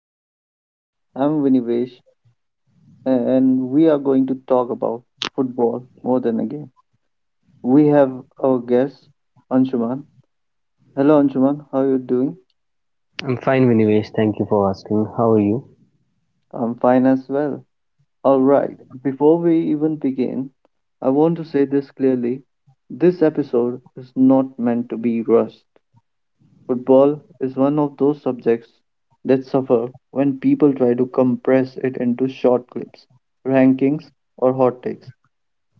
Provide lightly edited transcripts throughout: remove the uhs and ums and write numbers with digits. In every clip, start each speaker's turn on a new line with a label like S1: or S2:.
S1: Today I'm Vinivesh and we are going to talk about football more than a game. We have our guest Anshuman. Hello Anshuman, how are you doing?
S2: I'm fine, Vinivesh. Thank you for asking. How are you?
S1: I'm fine as well. All right. Before we even begin, I want to say this clearly. This episode is not meant to be rushed. Football is one of those subjects that suffer when people try to compress it into short clips, rankings, or hot takes.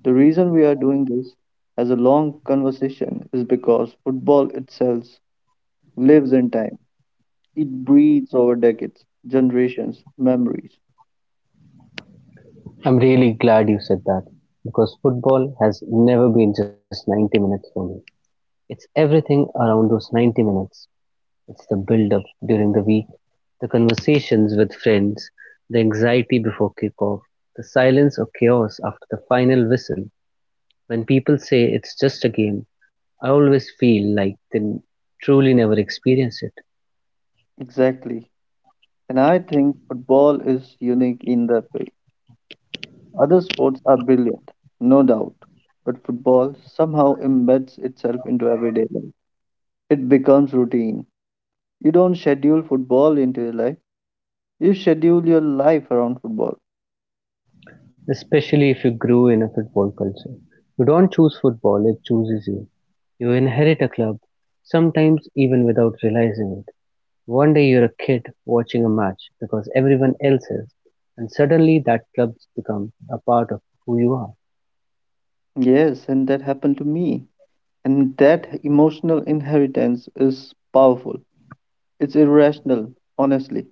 S1: The reason we are doing this as a long conversation is because football itself lives in time. It breathes over decades, generations, memories.
S2: I'm really glad you said that because football has never been just 90 minutes for me. It's everything around those 90 minutes. It's the build up during the week, the conversations with friends, the anxiety before kickoff, the silence or chaos after the final whistle. When people say it's just a game, I always feel like they truly never experience it.
S1: Exactly. And I think football is unique in that way. Other sports are brilliant, no doubt, but football somehow embeds itself into everyday life. It becomes routine. You don't schedule football into your life, you schedule your life around football.
S2: Especially if you grew in a football culture. You don't choose football, it chooses you. You inherit a club, sometimes even without realizing it. One day you're a kid watching a match because everyone else is, and suddenly that club's become a part of who you are.
S1: Yes, and that happened to me. And that emotional inheritance is powerful. It's irrational, honestly.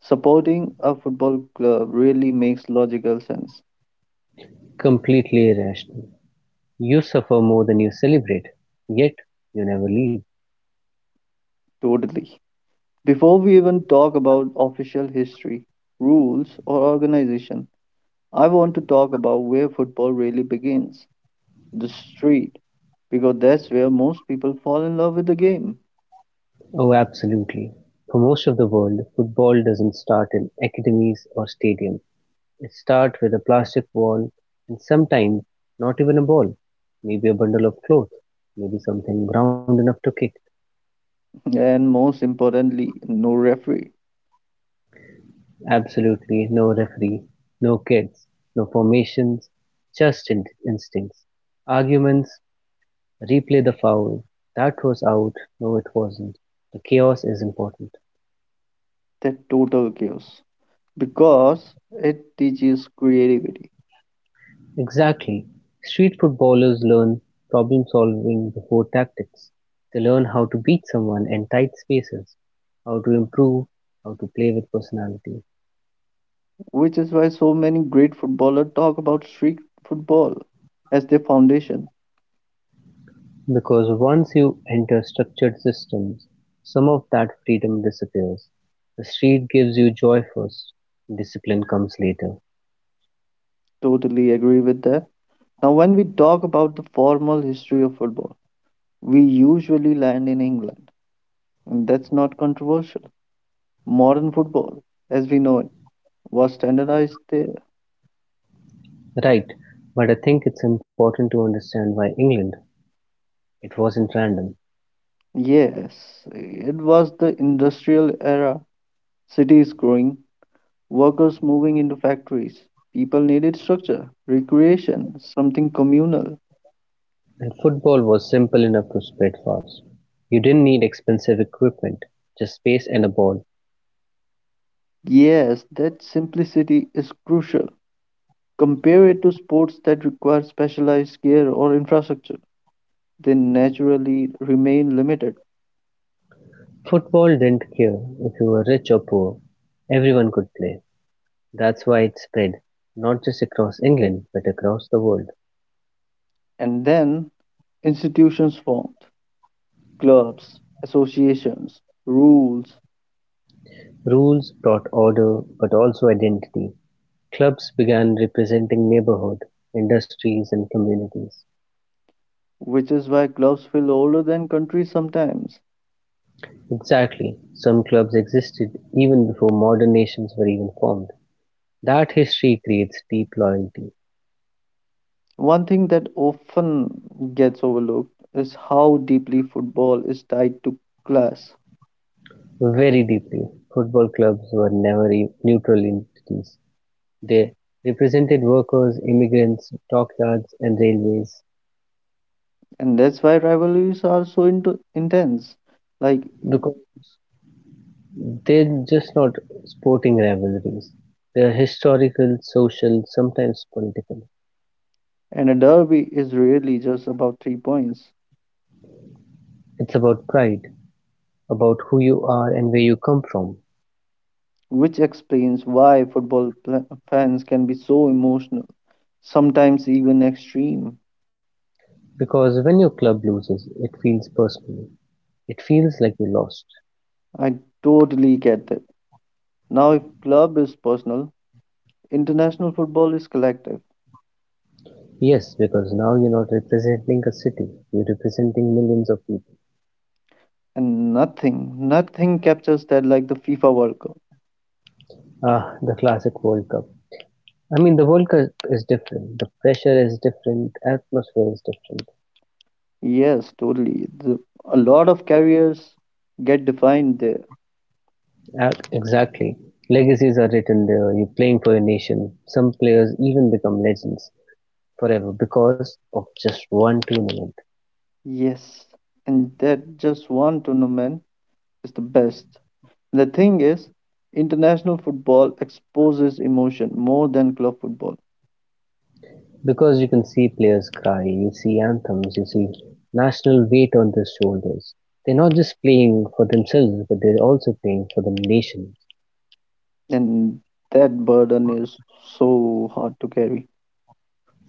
S1: Supporting a football club really makes logical sense.
S2: Completely irrational. You suffer more than you celebrate, yet you never leave.
S1: Totally. Before we even talk about official history, rules, or organization, I want to talk about where football really begins the street, because that's where most people fall in love with the game.
S2: Oh, absolutely. For most of the world, football doesn't start in academies or stadiums. Start with a plastic ball and sometimes not even a ball, maybe a bundle of cloth, maybe something round enough to kick.
S1: And most importantly, no referee.
S2: Absolutely no referee, no kids, no formations, just instincts. Arguments, replay the foul, that was out, no it wasn't. The chaos is important.
S1: That total chaos. Because it teaches creativity,
S2: Exactly, street footballers learn problem-solving before tactics, they learn how to beat someone in tight spaces, how to improve, how to play with personality.
S1: which is why so many great footballers talk about street football as their foundation.
S2: Because once you enter structured systems, some of that freedom disappears. The street gives you joy first, discipline comes later.
S1: Totally agree with that. Now, when we talk about the formal history of football, we usually land in England, and that's not controversial. Modern football, as we know it, was standardized there.
S2: Right, but I think it's important to understand why England. It wasn't random.
S1: Yes, it was the industrial era, cities growing, workers moving into factories. People needed structure, recreation, something communal.
S2: And football was simple enough to spread fast. You didn't need expensive equipment, just space and a ball.
S1: Yes, that simplicity is crucial. Compare it to sports that require specialized gear or infrastructure. They naturally remain limited.
S2: Football didn't care if you were rich or poor. Everyone could play. That's why it spread, not just across England, but across the world.
S1: And then institutions formed clubs, associations, rules,
S2: Rules brought order, but also identity. Clubs began representing neighborhood, industries, and communities.
S1: which is why clubs feel older than countries sometimes.
S2: Exactly, some clubs existed even before modern nations were even formed. That history creates deep loyalty.
S1: One thing that often gets overlooked is how deeply football is tied to class.
S2: Very deeply, football clubs were never neutral entities; they represented workers, immigrants, dockyards and railways.
S1: And that's why rivalries are so into intense. Like.
S2: Because they're just not sporting rivalries. They're historical, social, sometimes political.
S1: And a derby is really just about 3 points,
S2: It's about pride, about who you are and where you come from.
S1: which explains why football pla fans can be so emotional, sometimes even extreme.
S2: Because when your club loses, it feels personal. It feels like you lost.
S1: I totally get that. Now, if club is personal, international football is collective,
S2: Yes, because now you're not representing a city, you're representing millions of people.
S1: and nothing, nothing captures that like the FIFA World Cup.
S2: Ah, the classic World Cup. I mean, the World Cup is different. The pressure is different. Atmosphere is different.
S1: Yes, totally. A lot of careers get defined there.
S2: Exactly. Legacies are written there. You're playing for your nation. Some players even become legends forever because of just one tournament.
S1: Yes, and that just one tournament is the best. The thing is, international football exposes emotion more than club football,
S2: Because you can see players cry, you see anthems, you see national weight on their shoulders. They're not just playing for themselves, but they're also playing for the nation.
S1: and that burden is so hard to carry.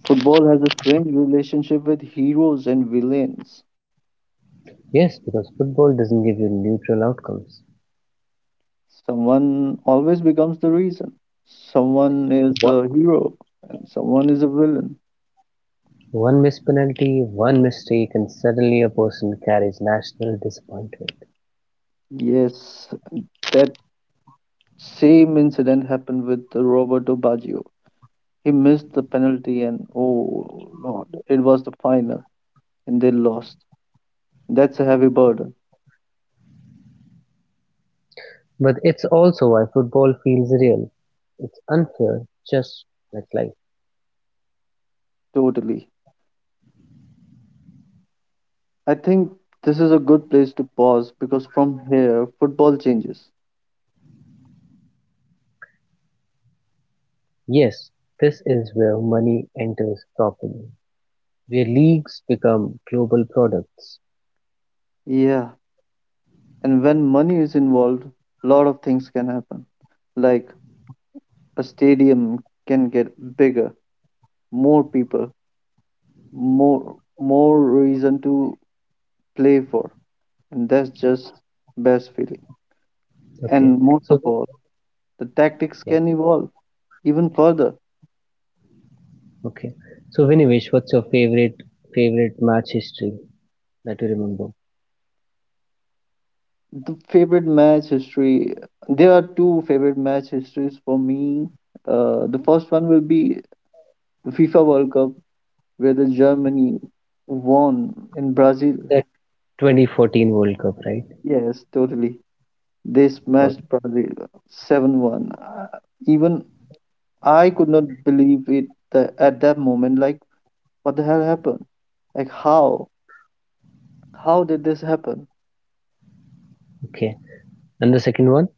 S1: Football has a strange relationship with heroes and villains.
S2: Yes, because football doesn't give you neutral outcomes.
S1: Someone always becomes the reason. Someone is
S2: What?
S1: a hero and someone is a villain.
S2: One missed penalty, one mistake and suddenly a person carries national disappointment.
S1: Yes, that same incident happened with Roberto Baggio. He missed the penalty, and oh lord, it was the final, and they lost. That's a heavy burden,
S2: But it's also why football feels real. It's unfair, just like life.
S1: totally. I think this is a good place to pause because from here, football changes.
S2: Yes, this is where money enters properly, where leagues become global products.
S1: Yeah, and when money is involved, a lot of things can happen. Like a stadium can get bigger, more people, more reason to play for, and that's just best feeling.
S2: Okay,
S1: And most of
S2: so
S1: all, the tactics
S2: yeah,
S1: can evolve even further.
S2: okay. So Vinivesh, what's your favorite match history that you remember?
S1: The favorite match history. There are two favorite match histories for me. The first one will be the FIFA World Cup, where the Germany won in Brazil.
S2: That 2014 World Cup, right?
S1: Yes, totally. They
S2: Oh,
S1: smashed Brazil 7-1. Even I could not believe it at that moment. Like, what the hell happened? Like, how? How did this happen?
S2: okay, and the second one?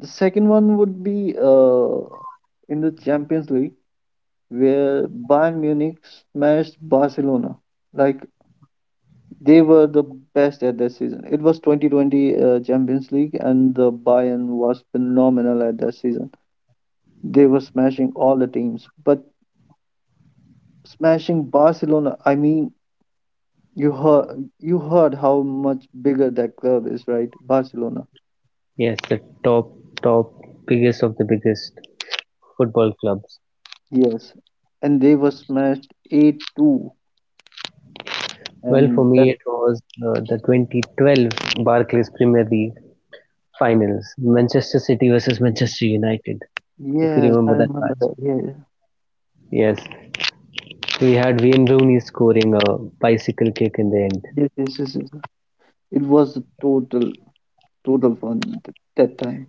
S1: The second one would be in the Champions League, where Bayern Munich smashed Barcelona. Like they were the best at that season. It was 2020 Champions League, and the Bayern was phenomenal at that season. They were smashing all the teams, but smashing Barcelona. I mean, you heard how much bigger that club is, right? Barcelona.
S2: Yes, the top, top, biggest of the biggest football clubs.
S1: Yes, and they were smashed 8-2,
S2: Well,
S1: and
S2: for
S1: that
S2: me, it was the 2012 Barclays Premier League finals, Manchester City versus Manchester United, if you
S1: yes, I
S2: remember that
S1: remember
S2: match.
S1: that. Yeah,
S2: Yes, we had Wayne Rooney scoring a bicycle kick in the end.
S1: yes, yes, yes, yes. It was a total fun that time.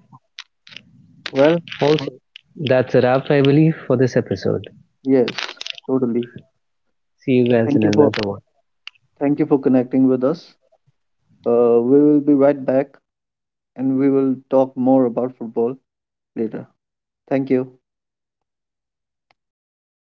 S1: Well,
S2: Also, that's a wrap, I believe, for this episode.
S1: yes, totally.
S2: See you guys
S1: Thank
S2: in
S1: you for
S2: another one.
S1: Thank you for connecting with us. We will be right back, and we will talk more about football later. Thank you.